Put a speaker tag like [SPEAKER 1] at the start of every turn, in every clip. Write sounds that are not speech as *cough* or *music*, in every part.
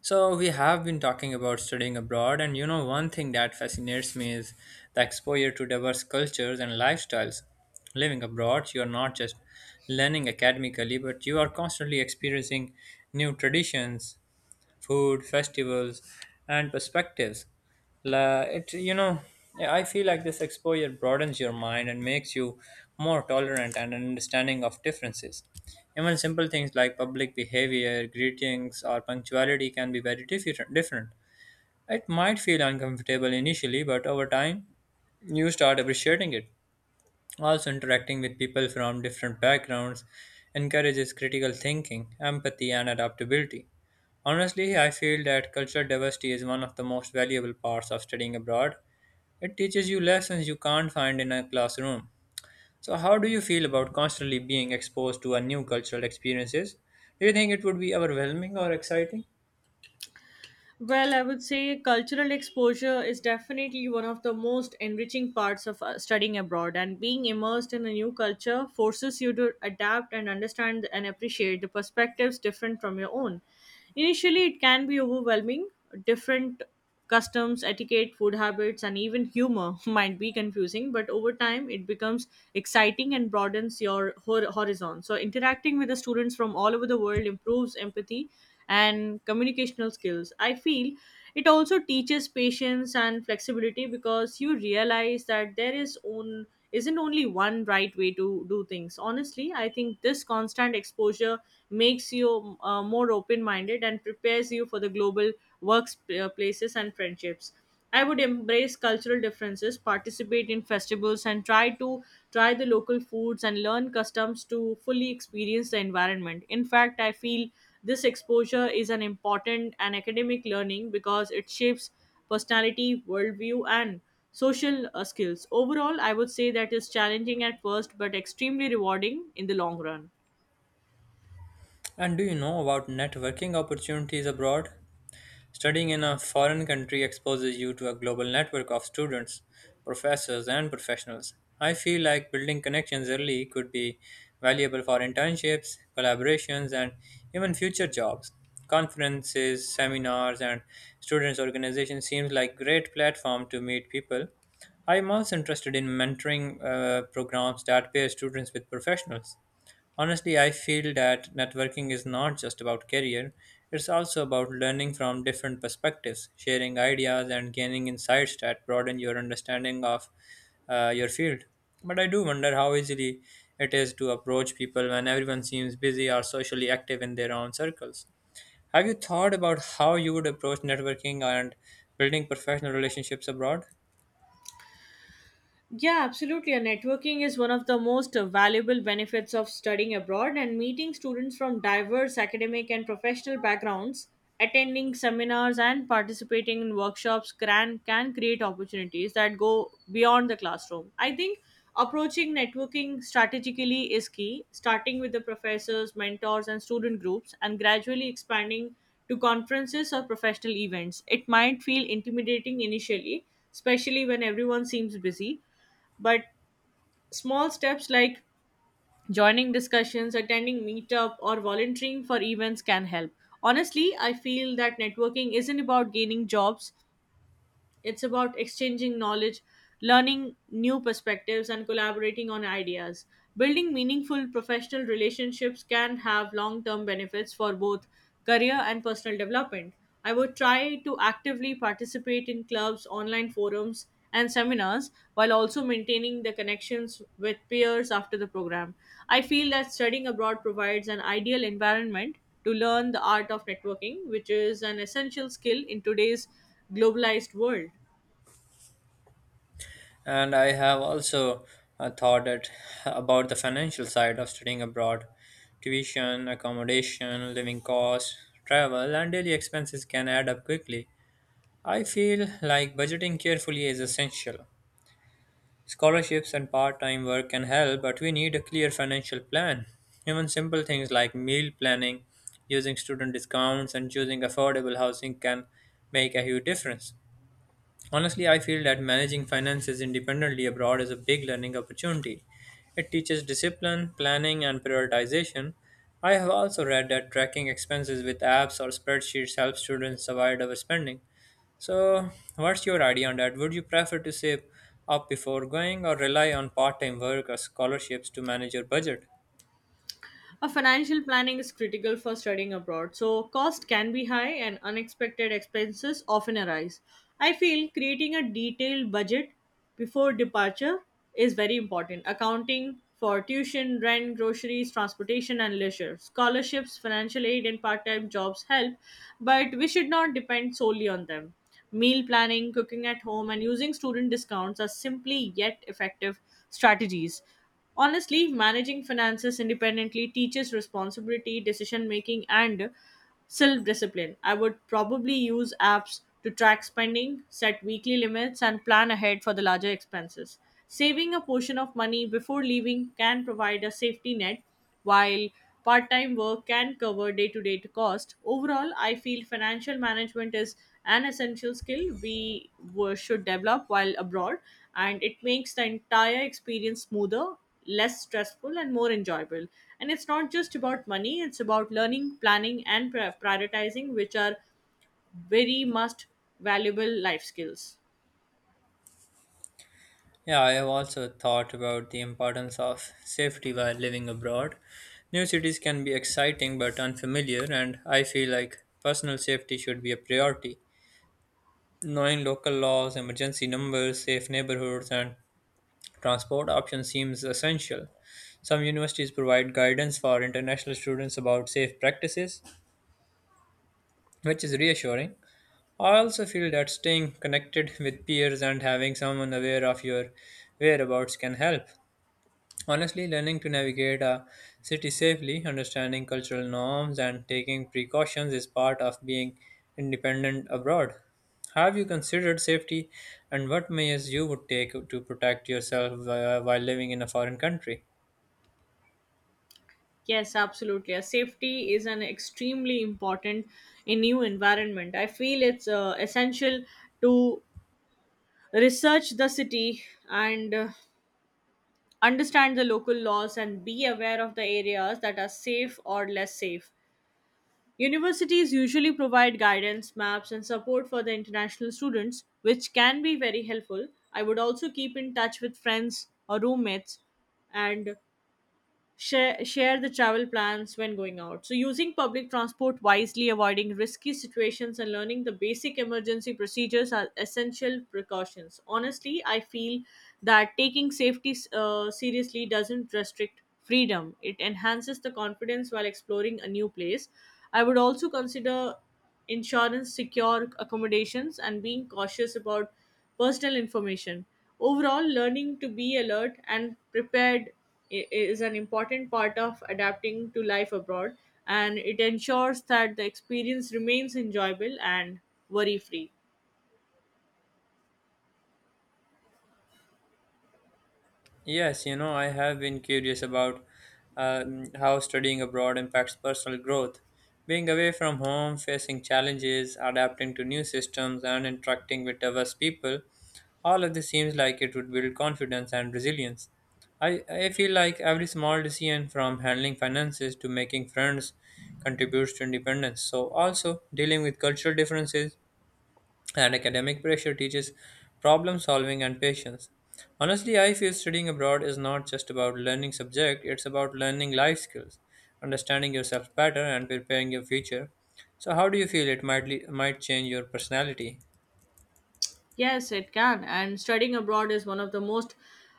[SPEAKER 1] So we have been talking about studying abroad, and one thing that fascinates me is the exposure to diverse cultures and lifestyles. Living abroad, you are not just learning academically, but you are constantly experiencing new traditions, food, festivals, and perspectives. La, it you know, yeah, I feel like this exposure broadens your mind and makes you more tolerant and understanding of differences. Even simple things like public behavior, greetings, or punctuality can be very different. It might feel uncomfortable initially, but over time, you start appreciating it. Also, interacting with people from different backgrounds encourages critical thinking, empathy, and adaptability. Honestly, I feel that cultural diversity is one of the most valuable parts of studying abroad. It teaches you lessons you can't find in a classroom. So, how do you feel about constantly being exposed to a new cultural experiences? Do you think it would be overwhelming or exciting?
[SPEAKER 2] Well, I would say cultural exposure is definitely one of the most enriching parts of studying abroad, and being immersed in a new culture forces you to adapt and understand and appreciate the perspectives different from your own. Initially, it can be overwhelming, different Customs, etiquette, food habits, and even humor *laughs* might be confusing, but over time it becomes exciting and broadens your horizon. So, interacting with the students from all over the world improves empathy and communicational skills. I feel it also teaches patience and flexibility because you realize that there is own isn't only one right way to do things. Honestly, I think this constant exposure makes you more open minded and prepares you for the global workplaces and friendships. I would embrace cultural differences, participate in festivals, and try the local foods and learn customs to fully experience the environment. In fact, I feel this exposure is an important and academic learning because it shapes personality, worldview, and social skills. Overall, I would say that is challenging at first but extremely rewarding in the long run.
[SPEAKER 1] And do you know about networking opportunities abroad? Studying in a foreign country exposes you to a global network of students, professors, and professionals. I feel like building connections early could be valuable for internships, collaborations, and even future jobs. Conferences, seminars, and students' organizations seems like great platform to meet people. I'm also interested in mentoring programs that pair students with professionals. Honestly, I feel that networking is not just about career, it's also about learning from different perspectives, sharing ideas, and gaining insights that broaden your understanding of your field. But I do wonder how easily it is to approach people when everyone seems busy or socially active in their own circles. Have you thought about how you would approach networking and building professional relationships abroad?
[SPEAKER 2] Yeah, absolutely. And networking is one of the most valuable benefits of studying abroad and meeting students from diverse academic and professional backgrounds, attending seminars and participating in workshops can create opportunities that go beyond the classroom. I think approaching networking strategically is key, starting with the professors, mentors, and student groups, and gradually expanding to conferences or professional events. It might feel intimidating initially, especially when everyone seems busy, but small steps like joining discussions, attending meetup, or volunteering for events can help. Honestly, I feel that networking isn't about gaining jobs, it's about exchanging knowledge, learning new perspectives, and collaborating on ideas. Building meaningful professional relationships can have long term benefits for both career and personal development. I would try to actively participate in clubs, online forums, and seminars while also maintaining the connections with peers after the program. I feel that studying abroad provides an ideal environment to learn the art of networking, which is an essential skill in today's globalized world.
[SPEAKER 1] And I have also thought that about the financial side of studying abroad. Tuition, accommodation, living costs, travel, and daily expenses can add up quickly. I feel like budgeting carefully is essential. Scholarships and part time work can help, but we need a clear financial plan. Even simple things like meal planning, using student discounts, and choosing affordable housing can make a huge difference. Honestly, I feel that managing finances independently abroad is a big learning opportunity. It teaches discipline, planning, and prioritization. I have also read that tracking expenses with apps or spreadsheets helps students avoid overspending. So, what's your idea on that? Would you prefer to save up before going or rely on part time work or scholarships to manage your budget?
[SPEAKER 2] A financial planning is critical for studying abroad, so cost can be high and unexpected expenses often arise. I feel creating a detailed budget before departure is very important. Accounting for tuition, rent, groceries, transportation, and leisure. Scholarships, financial aid, and part time jobs help, but we should not depend solely on them. Meal planning, cooking at home, and using student discounts are simply yet effective strategies. Honestly, managing finances independently teaches responsibility, decision making, and self discipline. I would probably use apps to track spending, set weekly limits, and plan ahead for the larger expenses. Saving a portion of money before leaving can provide a safety net while part time work can cover day to day cost. Overall, I feel financial management is an essential skill we should develop while abroad, and it makes the entire experience smoother, less stressful, and more enjoyable. And it's not just about money, it's about learning, planning, and prioritizing, which are very must valuable life skills.
[SPEAKER 1] Yeah, I have also thought about the importance of safety while living abroad. New cities can be exciting but unfamiliar, and I feel like personal safety should be a priority. Knowing local laws, emergency numbers, safe neighborhoods, and transport options seems essential. Some universities provide guidance for international students about safe practices, which is reassuring. I also feel that staying connected with peers and having someone aware of your whereabouts can help. Honestly, learning to navigate a city safely, understanding cultural norms, and taking precautions is part of being independent abroad. Have you considered safety and what measures you would take to protect yourself while living in a foreign country?
[SPEAKER 2] Yes, absolutely. Safety is an extremely important in new environment. I feel it's essential to research the city and understand the local laws and be aware of the areas that are safe or less safe. Universities usually provide guidance, maps, and support for the international students, which can be very helpful. I would also keep in touch with friends or roommates and share the travel plans when going out. So, using public transport wisely, avoiding risky situations, and learning the basic emergency procedures are essential precautions. Honestly, I feel that taking safety seriously doesn't restrict freedom, it enhances the confidence while exploring a new place. I would also consider insurance, secure accommodations, and being cautious about personal information. Overall, learning to be alert and prepared is an important part of adapting to life abroad, and it ensures that the experience remains enjoyable and worry free.
[SPEAKER 1] Yes, you know, I have been curious about how studying abroad impacts personal growth. Being away from home, facing challenges, adapting to new systems, and interacting with diverse people, all of this seems like it would build confidence and resilience. I feel like every small decision from handling finances to making friends contributes to independence. So, also dealing with cultural differences and academic pressure teaches problem solving and patience. Honestly, I feel studying abroad is not just about learning subject, it's about learning life skills, understanding yourself better and preparing your future. So how do you feel it might might change your personality?
[SPEAKER 2] Yes, it can. And studying abroad is one of the most,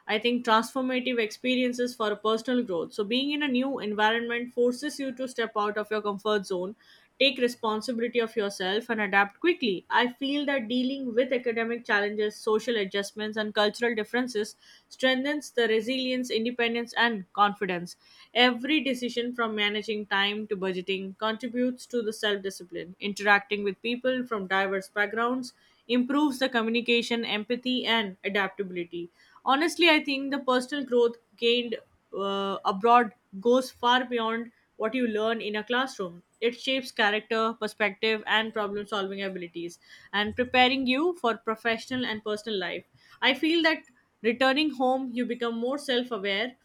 [SPEAKER 2] I think, transformative experiences for personal growth. So, being in a new environment forces you to step out of your comfort zone, take responsibility of yourself, and adapt quickly. I feel that dealing with academic challenges, social adjustments, and cultural differences strengthens the resilience, independence, and confidence. Every decision from managing time to budgeting contributes to the self discipline. Interacting with people from diverse backgrounds improves the communication, empathy, and adaptability. Honestly, I think the personal growth gained abroad goes far beyond what you learn in a classroom. It shapes character, perspective, and problem solving abilities, and preparing you for professional and personal life. I feel that returning home, you become more self aware,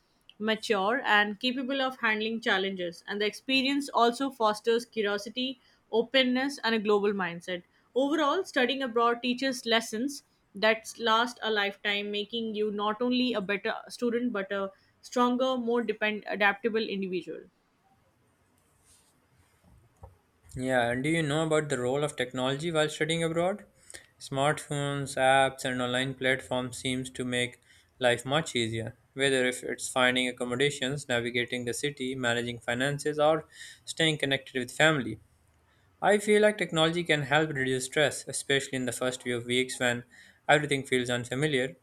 [SPEAKER 2] mature and capable of handling challenges. And the experience also fosters curiosity, openness, and a global mindset. Overall, studying abroad teaches lessons that last a lifetime, making you not only a better student but a stronger, more adaptable individual.
[SPEAKER 1] Yeah, and do you know about the role of technology while studying abroad? Smartphones, apps, and online platforms seems to make life much easier. Whether if it's finding accommodations, navigating the city, managing finances, or staying connected with family, I feel like technology can help reduce stress, especially in the first few weeks when everything feels unfamiliar.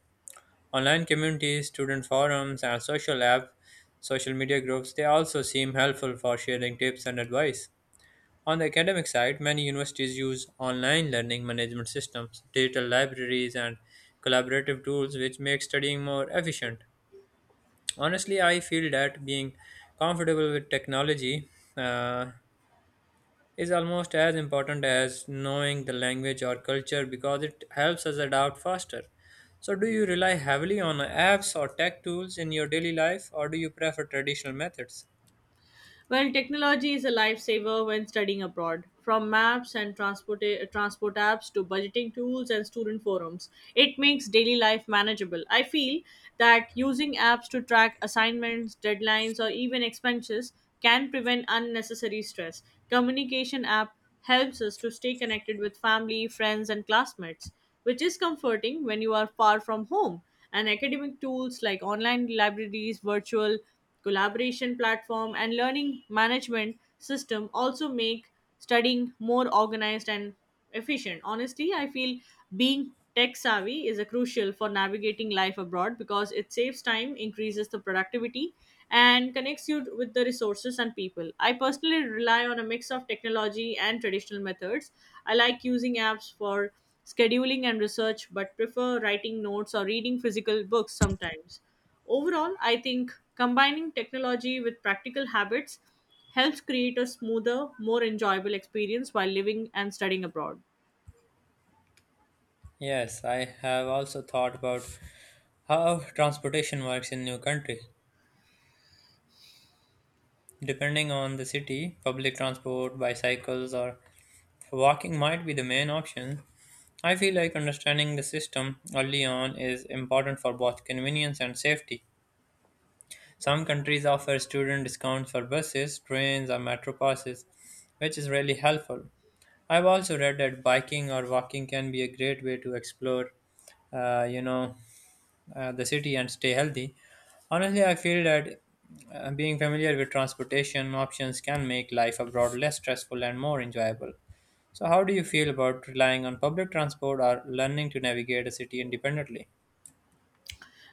[SPEAKER 1] Online communities, student forums, and social media groups, they also seem helpful for sharing tips and advice. On the academic side, many universities use online learning management systems, digital libraries, and collaborative tools which make studying more efficient. Honestly, I feel that being comfortable with technology uh, is almost as important as knowing the language or culture because it helps us adapt faster. So, do you rely heavily on apps or tech tools in your daily life, or do you prefer traditional methods?
[SPEAKER 2] Well, technology is a lifesaver when studying abroad. From maps and transport, transport apps to budgeting tools and student forums, it makes daily life manageable. I feel that using apps to track assignments, deadlines, or even expenses can prevent unnecessary stress. Communication app helps us to stay connected with family, friends, and classmates, which is comforting when you are far from home. And academic tools like online libraries, virtual collaboration platform and learning management system also make studying more organized and efficient. Honestly, I feel being tech savvy is a crucial for navigating life abroad because it saves time, increases the productivity and connects you with the resources and people. I personally rely on a mix of technology and traditional methods. I like using apps for scheduling and research but prefer writing notes or reading physical books sometimes. Overall, I think combining technology with practical habits helps create a smoother, more enjoyable experience while living and studying abroad.
[SPEAKER 1] Yes, I have also thought about how transportation works in new country. Depending on the city, public transport, bicycles, or walking might be the main option. I feel like understanding the system early on is important for both convenience and safety. Some countries offer student discounts for buses, trains, or metro passes, which is really helpful. I've also read that biking or walking can be a great way to explore, uh, you know, the city and stay healthy. Honestly, I feel that being familiar with transportation options can make life abroad less stressful and more enjoyable. So, how do you feel about relying on public transport or learning to navigate a city independently?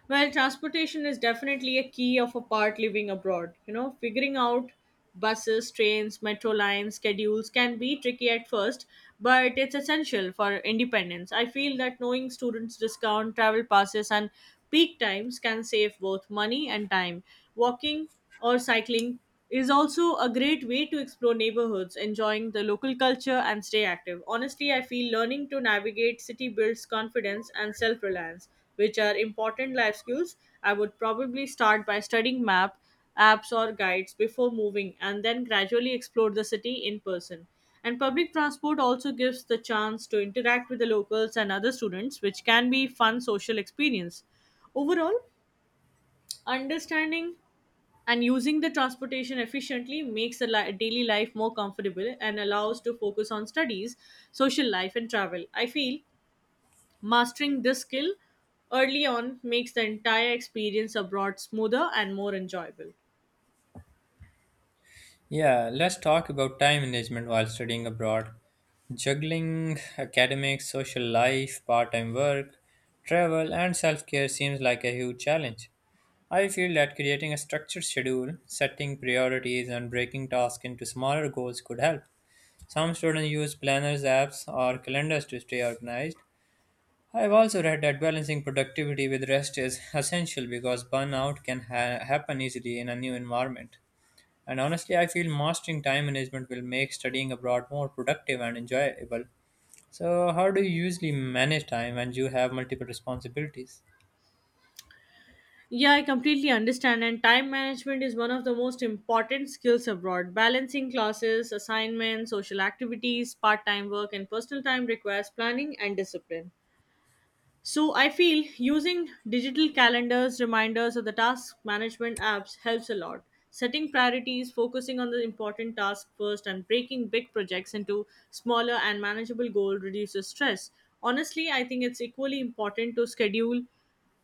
[SPEAKER 2] Well, transportation is definitely a key of a part living abroad. You know, figuring out buses, trains, metro lines, schedules can be tricky at first, but it's essential for independence. I feel that knowing students' discount, travel passes, and peak times can save both money and time. Walking or cycling is also a great way to explore neighborhoods, enjoying the local culture, and stay active. Honestly, I feel learning to navigate city builds confidence and self reliance, which are important life skills. I would probably start by studying map, apps, or guides before moving, and then gradually explore the city in person. And public transport also gives the chance to interact with the locals and other students, which can be fun social experience. Overall, understanding and using the transportation efficiently makes the daily life more comfortable and allows to focus on studies, social life and travel. I feel mastering this skill early on makes the entire experience abroad smoother and more enjoyable.
[SPEAKER 1] Yeah, let's talk about time management while studying abroad. Juggling academics, social life, part time work, travel, and self care seems like a huge challenge. I feel that creating a structured schedule, setting priorities, and breaking tasks into smaller goals could help. Some students use planners, apps, or calendars to stay organized. I've also read that balancing productivity with rest is essential because burnout can happen easily in a new environment. And honestly, I feel mastering time management will make studying abroad more productive and enjoyable. So, how do you usually manage time when you have multiple responsibilities?
[SPEAKER 2] Yeah, I completely understand. And time management is one of the most important skills abroad. Balancing classes, assignments, social activities, part time work, and personal time requires planning and discipline. So I feel using digital calendars, reminders, or the task management apps helps a lot. Setting priorities, focusing on the important task first, and breaking big projects into smaller and manageable goals reduces stress. Honestly, I think it's equally important to schedule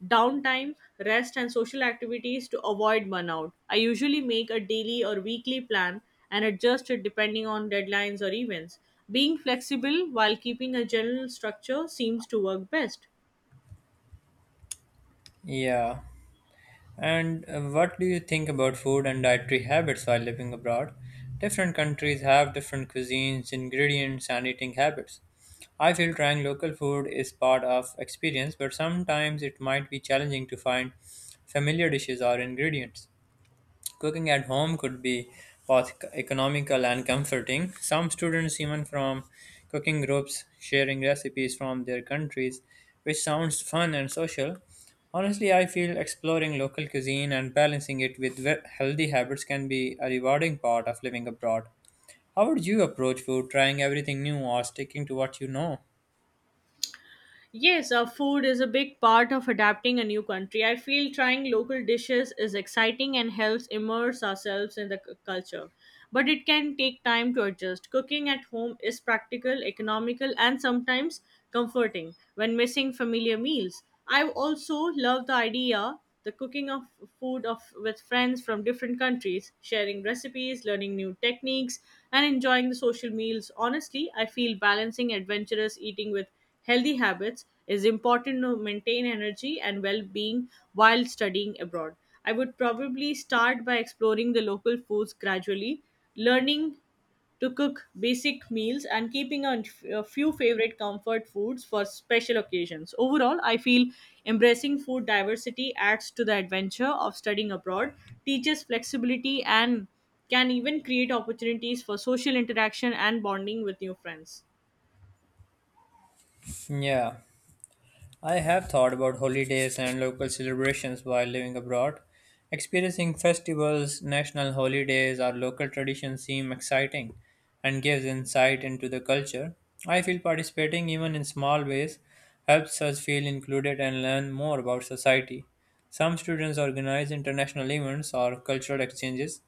[SPEAKER 2] downtime, rest, and social activities to avoid burnout. I usually make a daily or weekly plan and adjust it depending on deadlines or events. Being flexible while keeping a general structure seems to work best.
[SPEAKER 1] Yeah. And what do you think about food and dietary habits while living abroad? Different countries have different cuisines, ingredients, and eating habits. I feel trying local food is part of experience, but sometimes it might be challenging to find familiar dishes or ingredients. Cooking at home could be both economical and comforting. Some students, even from cooking groups, sharing recipes from their countries, which sounds fun and social. Honestly, I feel exploring local cuisine and balancing it with healthy habits can be a rewarding part of living abroad. How would you approach food, trying everything new or sticking to what you know?
[SPEAKER 2] Yes, food is a big part of adapting a new country. I feel trying local dishes is exciting and helps immerse ourselves in the culture. But it can take time to adjust. Cooking at home is practical, economical, and sometimes comforting when missing familiar meals. I also love the idea the cooking of food of with friends from different countries, sharing recipes, learning new techniques, and enjoying the social meals. Honestly, I feel balancing adventurous eating with Healthy habits is important to maintain energy and well-being while studying abroad. I would probably start by exploring the local foods gradually, learning to cook basic meals and keeping on a few favorite comfort foods for special occasions. Overall, I feel embracing food diversity adds to the adventure of studying abroad, teaches flexibility and can even create opportunities for social interaction and bonding with new friends.
[SPEAKER 1] Yeah. I have thought about holidays and local celebrations while living abroad. Experiencing festivals, national holidays, or local traditions seem exciting and gives insight into the culture. I feel participating even in small ways helps us feel included and learn more about society. Some students organize international events or cultural exchanges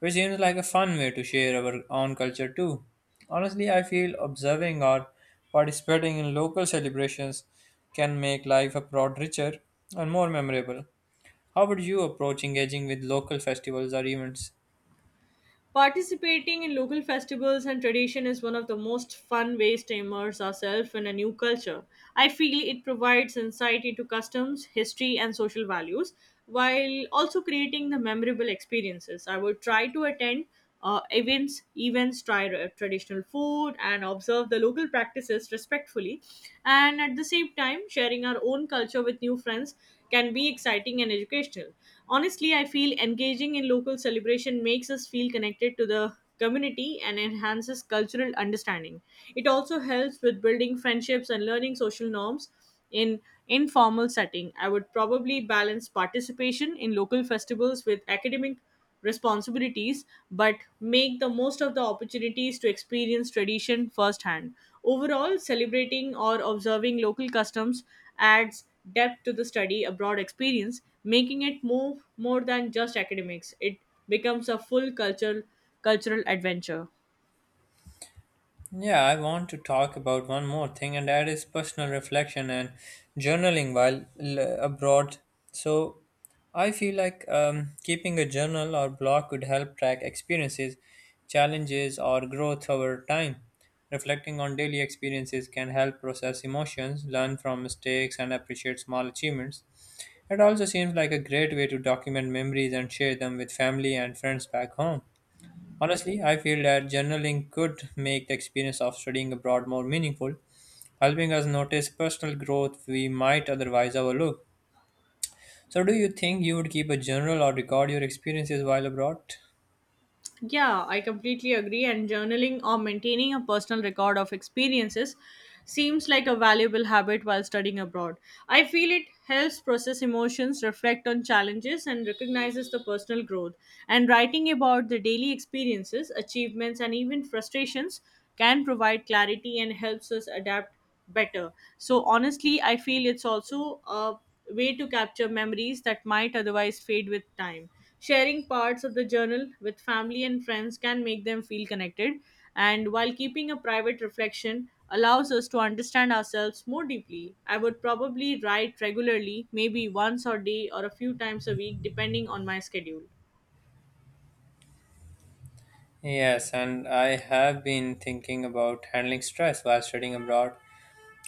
[SPEAKER 1] which seems like a fun way to share our own culture too. Honestly, I feel observing or participating in local celebrations can make life a lot richer and more memorable. How would you approach engaging with local festivals or events?
[SPEAKER 2] Participating in local festivals and tradition is one of the most fun ways to immerse ourselves in a new culture. I feel it provides insight into customs, history, and social values while also creating the memorable experiences. I would try to attend events, try traditional food, and observe the local practices respectfully. And at the same time, sharing our own culture with new friends can be exciting and educational. Honestly, I feel engaging in local celebration makes us feel connected to the community and enhances cultural understanding. It also helps with building friendships and learning social norms in informal setting. I would probably balance participation in local festivals with academic responsibilities but make the most of the opportunities to experience tradition firsthand. Overall, celebrating or observing local customs adds depth to the study abroad experience, making it more than just academics. It becomes a full cultural adventure.
[SPEAKER 1] Yeah, I want to talk about one more thing, and that is personal reflection and journaling while abroad. So, I feel like keeping a journal or blog could help track experiences, challenges, or growth over time. Reflecting on daily experiences can help process emotions, learn from mistakes, and appreciate small achievements. It also seems like a great way to document memories and share them with family and friends back home. Honestly, I feel that journaling could make the experience of studying abroad more meaningful, helping us notice personal growth we might otherwise overlook. So, do you think you would keep a journal or record your experiences while abroad?
[SPEAKER 2] Yeah, I completely agree. And journaling or maintaining a personal record of experiences seems like a valuable habit while studying abroad. I feel it helps process emotions, reflect on challenges, and recognizes the personal growth. And writing about the daily experiences, achievements, and even frustrations can provide clarity and helps us adapt better. So, honestly, I feel it's also a way to capture memories that might otherwise fade with time. Sharing parts of the journal with family and friends can make them feel connected, and while keeping a private reflection allows us to understand ourselves more deeply. I would probably write regularly, maybe once a day or a few times a week, depending on my schedule.
[SPEAKER 1] Yes, and I have been thinking about handling stress while studying abroad.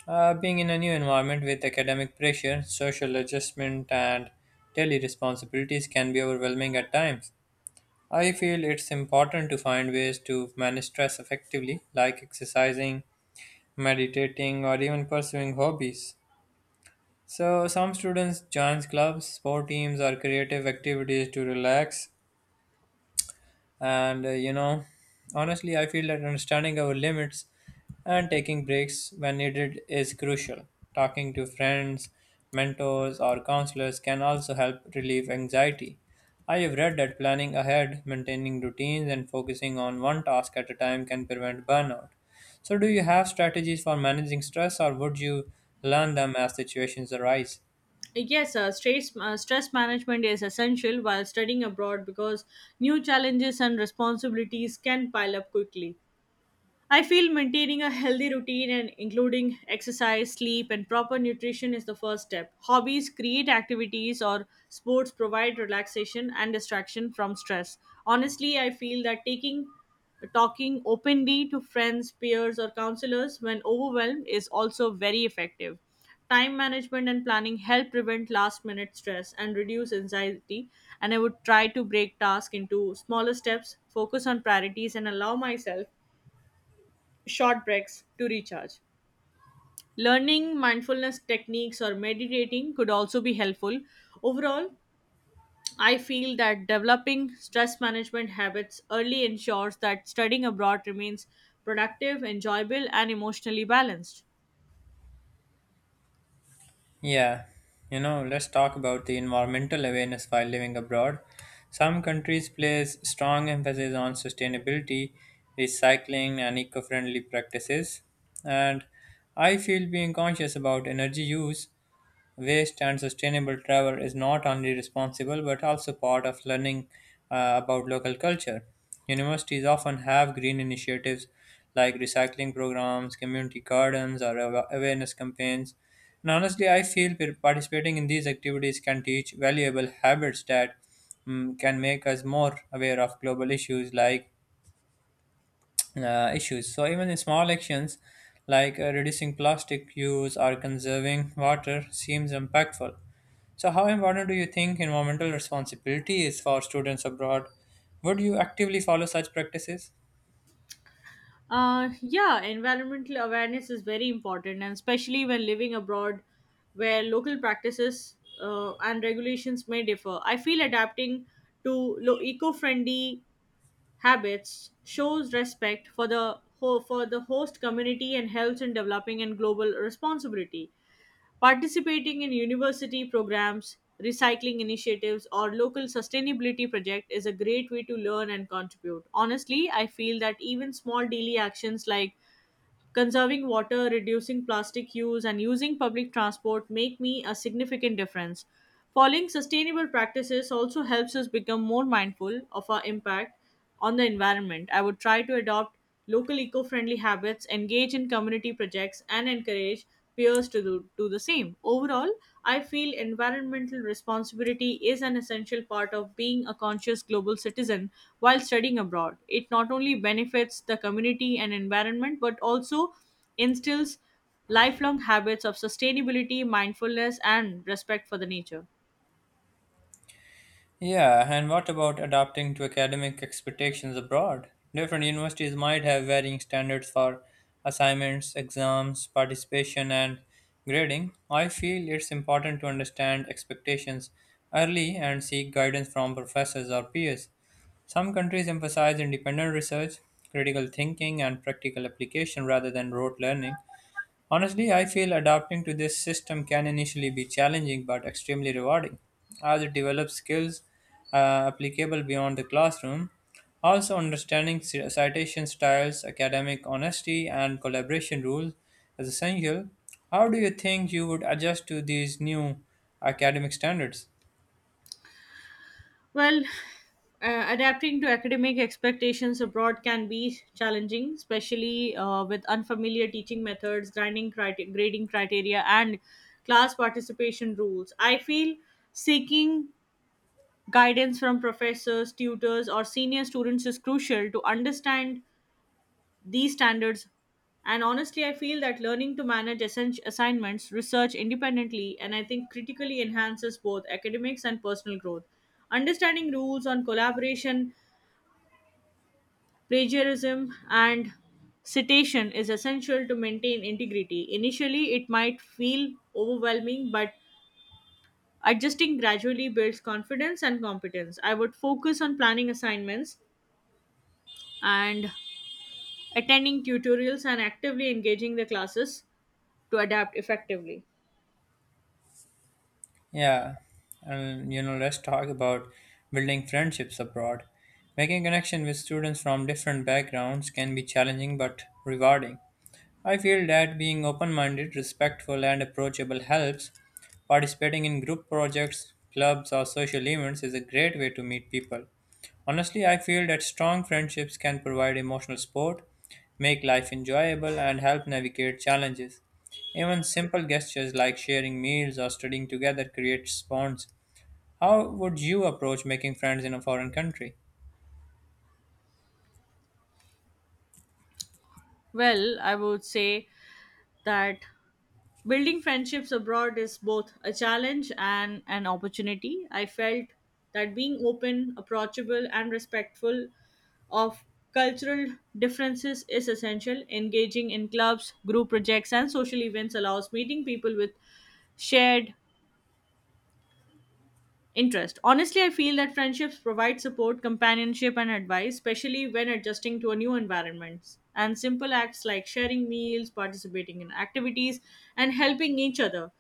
[SPEAKER 1] Being in a new environment with academic pressure, social adjustment, and daily responsibilities can be overwhelming at times. I feel it's important to find ways to manage stress effectively, like exercising, meditating, or even pursuing hobbies. So, some students join clubs, sport teams, or creative activities to relax, and honestly, I feel that understanding our limits and taking breaks when needed is crucial. Talking to friends, mentors, or counselors can also help relieve anxiety. I have read that planning ahead, maintaining routines, and focusing on one task at a time can prevent burnout. So, do you have strategies for managing stress, or would you learn them as situations arise?
[SPEAKER 2] Yes, stress management is essential while studying abroad because new challenges and responsibilities can pile up quickly. I feel maintaining a healthy routine and including exercise, sleep, and proper nutrition is the first step. Hobbies, create activities, or sports provide relaxation and distraction from stress. Honestly, I feel that taking talking openly to friends, peers, or counselors when overwhelmed is also very effective. Time management and planning help prevent last minute stress and reduce anxiety. And I would try to break tasks into smaller steps, focus on priorities, and allow myself short breaks to recharge. Learning mindfulness techniques or meditating could also be helpful. Overall, I feel that developing stress management habits early ensures that studying abroad remains productive, enjoyable, and emotionally balanced.
[SPEAKER 1] Yeah, you know, let's talk about the environmental awareness while living abroad. Some countries place strong emphasis on sustainability, recycling, and eco friendly practices. And I feel being conscious about energy use, waste and sustainable travel is not only responsible but also part of learning about local culture. Universities often have green initiatives like recycling programs, community gardens, or awareness campaigns. And honestly, I feel participating in these activities can teach valuable habits that can make us more aware of global issues. So even in small actions like reducing plastic use or conserving water seems impactful. So how important do you think environmental responsibility is for students abroad? Would you actively follow such practices?
[SPEAKER 2] Yeah, environmental awareness is very important, and especially when living abroad where local practices and regulations may differ. I feel adapting to eco friendly habits shows respect for the for the host community and helps in developing and global responsibility participating in university programs recycling initiatives or local sustainability project is a great way to learn and contribute. Honestly, I feel that even small daily actions like conserving water, reducing plastic use, and using public transport make me a significant difference. Following sustainable practices also helps us become more mindful of our impact on the environment. I would try to adopt local eco friendly habits, engage in community projects, and encourage peers to do the same. Overall, I feel environmental responsibility is an essential part of being a conscious global citizen while studying abroad. It not only benefits the community and environment but also instills lifelong habits of sustainability, mindfulness, and respect for the nature.
[SPEAKER 1] Yeah, and what about adapting to academic expectations abroad? Different universities might have varying standards for assignments, exams, participation, and grading. I feel it's important to understand expectations early and seek guidance from professors or peers. Some countries emphasize independent research, critical thinking, and practical application rather than rote learning. Honestly, I feel adapting to this system can initially be challenging but extremely rewarding, as it develops skills applicable beyond the classroom. Also, understanding citation styles, academic honesty, and collaboration rules is essential. How do you think you would adjust to these new academic standards?
[SPEAKER 2] Well, adapting to academic expectations abroad can be challenging, especially with unfamiliar teaching methods, grading criteria, and class participation rules. I feel seeking guidance from professors, tutors, or senior students is crucial to understand these standards. And honestly, I feel that learning to manage essential assignments, research independently, and I think critically enhances both academics and personal growth. Understanding rules on collaboration, plagiarism, and citation is essential to maintain integrity. Initially it might feel overwhelming, but adjusting gradually builds confidence and competence. I would focus on planning assignments and attending tutorials and actively engaging the classes to adapt effectively.
[SPEAKER 1] Yeah, and you know, let's talk about building friendships abroad. Making connection with students from different backgrounds can be challenging but rewarding. I feel that being open minded, respectful, and approachable helps. Participating in group projects, clubs, or social events is a great way to meet people. Honestly, I feel that strong friendships can provide emotional support, make life enjoyable, and help navigate challenges. Even simple gestures like sharing meals or studying together create bonds. How would you approach making friends in a foreign country?
[SPEAKER 2] Well, I would say that building friendships abroad is both a challenge and an opportunity. I felt that being open, approachable, and respectful of cultural differences is essential. Engaging in clubs, group projects, and social events allows meeting people with shared interest. Honestly, I feel that friendships provide support, companionship, and advice, especially when adjusting to a new environment. And simple acts like sharing meals, participating in activities, and helping each other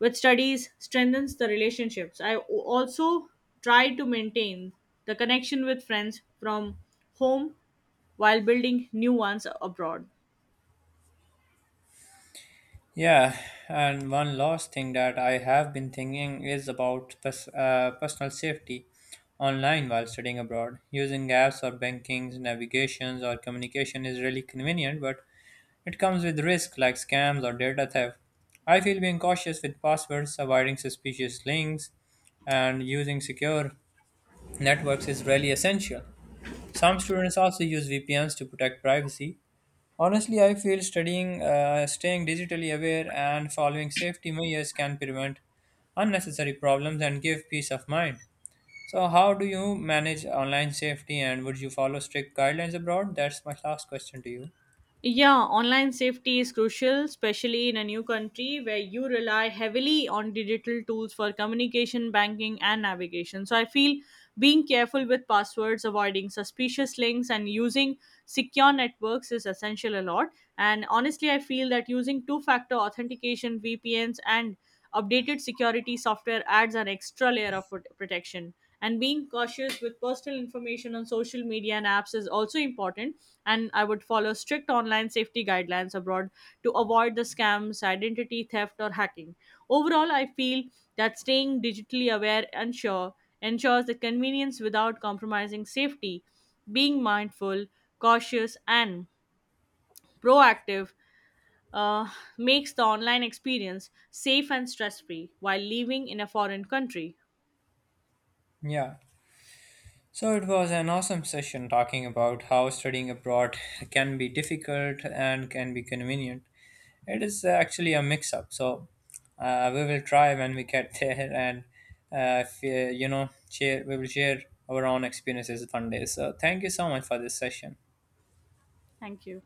[SPEAKER 2] with studies strengthens the relationships. I also try to maintain the connection with friends from home while building new ones abroad.
[SPEAKER 1] Yeah, and one last thing that I have been thinking is about personal safety online while studying abroad. Using apps or bankings, navigations or communication is really convenient, but it comes with risk like scams or data theft. I feel being cautious with passwords, avoiding suspicious links, and using secure networks is really essential. Some students also use VPNs to protect privacy. Honestly, I feel staying digitally aware, and following safety measures can prevent unnecessary problems and give peace of mind. So, how do you manage online safety and would you follow strict guidelines abroad? That's my last question to you.
[SPEAKER 2] Yeah, online safety is crucial, especially in a new country where you rely heavily on digital tools for communication, banking, and navigation. So I feel being careful with passwords, avoiding suspicious links, and using secure networks is essential a lot. And honestly, I feel that using two factor authentication, VPNs, and updated security software adds an extra layer of protection. And being cautious with personal information on social media and apps is also important. And I would follow strict online safety guidelines abroad to avoid the scams, identity theft, or hacking. Overall, I feel that staying digitally aware and sure ensures the convenience without compromising safety. Being mindful, cautious, and proactive uh, makes the online experience safe and stress free while living in a foreign country.
[SPEAKER 1] Yeah. So, it was an awesome session talking about how studying abroad can be difficult and can be convenient. It is actually a mix up. So we will try when we get *laughs* there, and if, you know, share we will share our own experiences one day. So thank you so much for this session.
[SPEAKER 2] Thank you.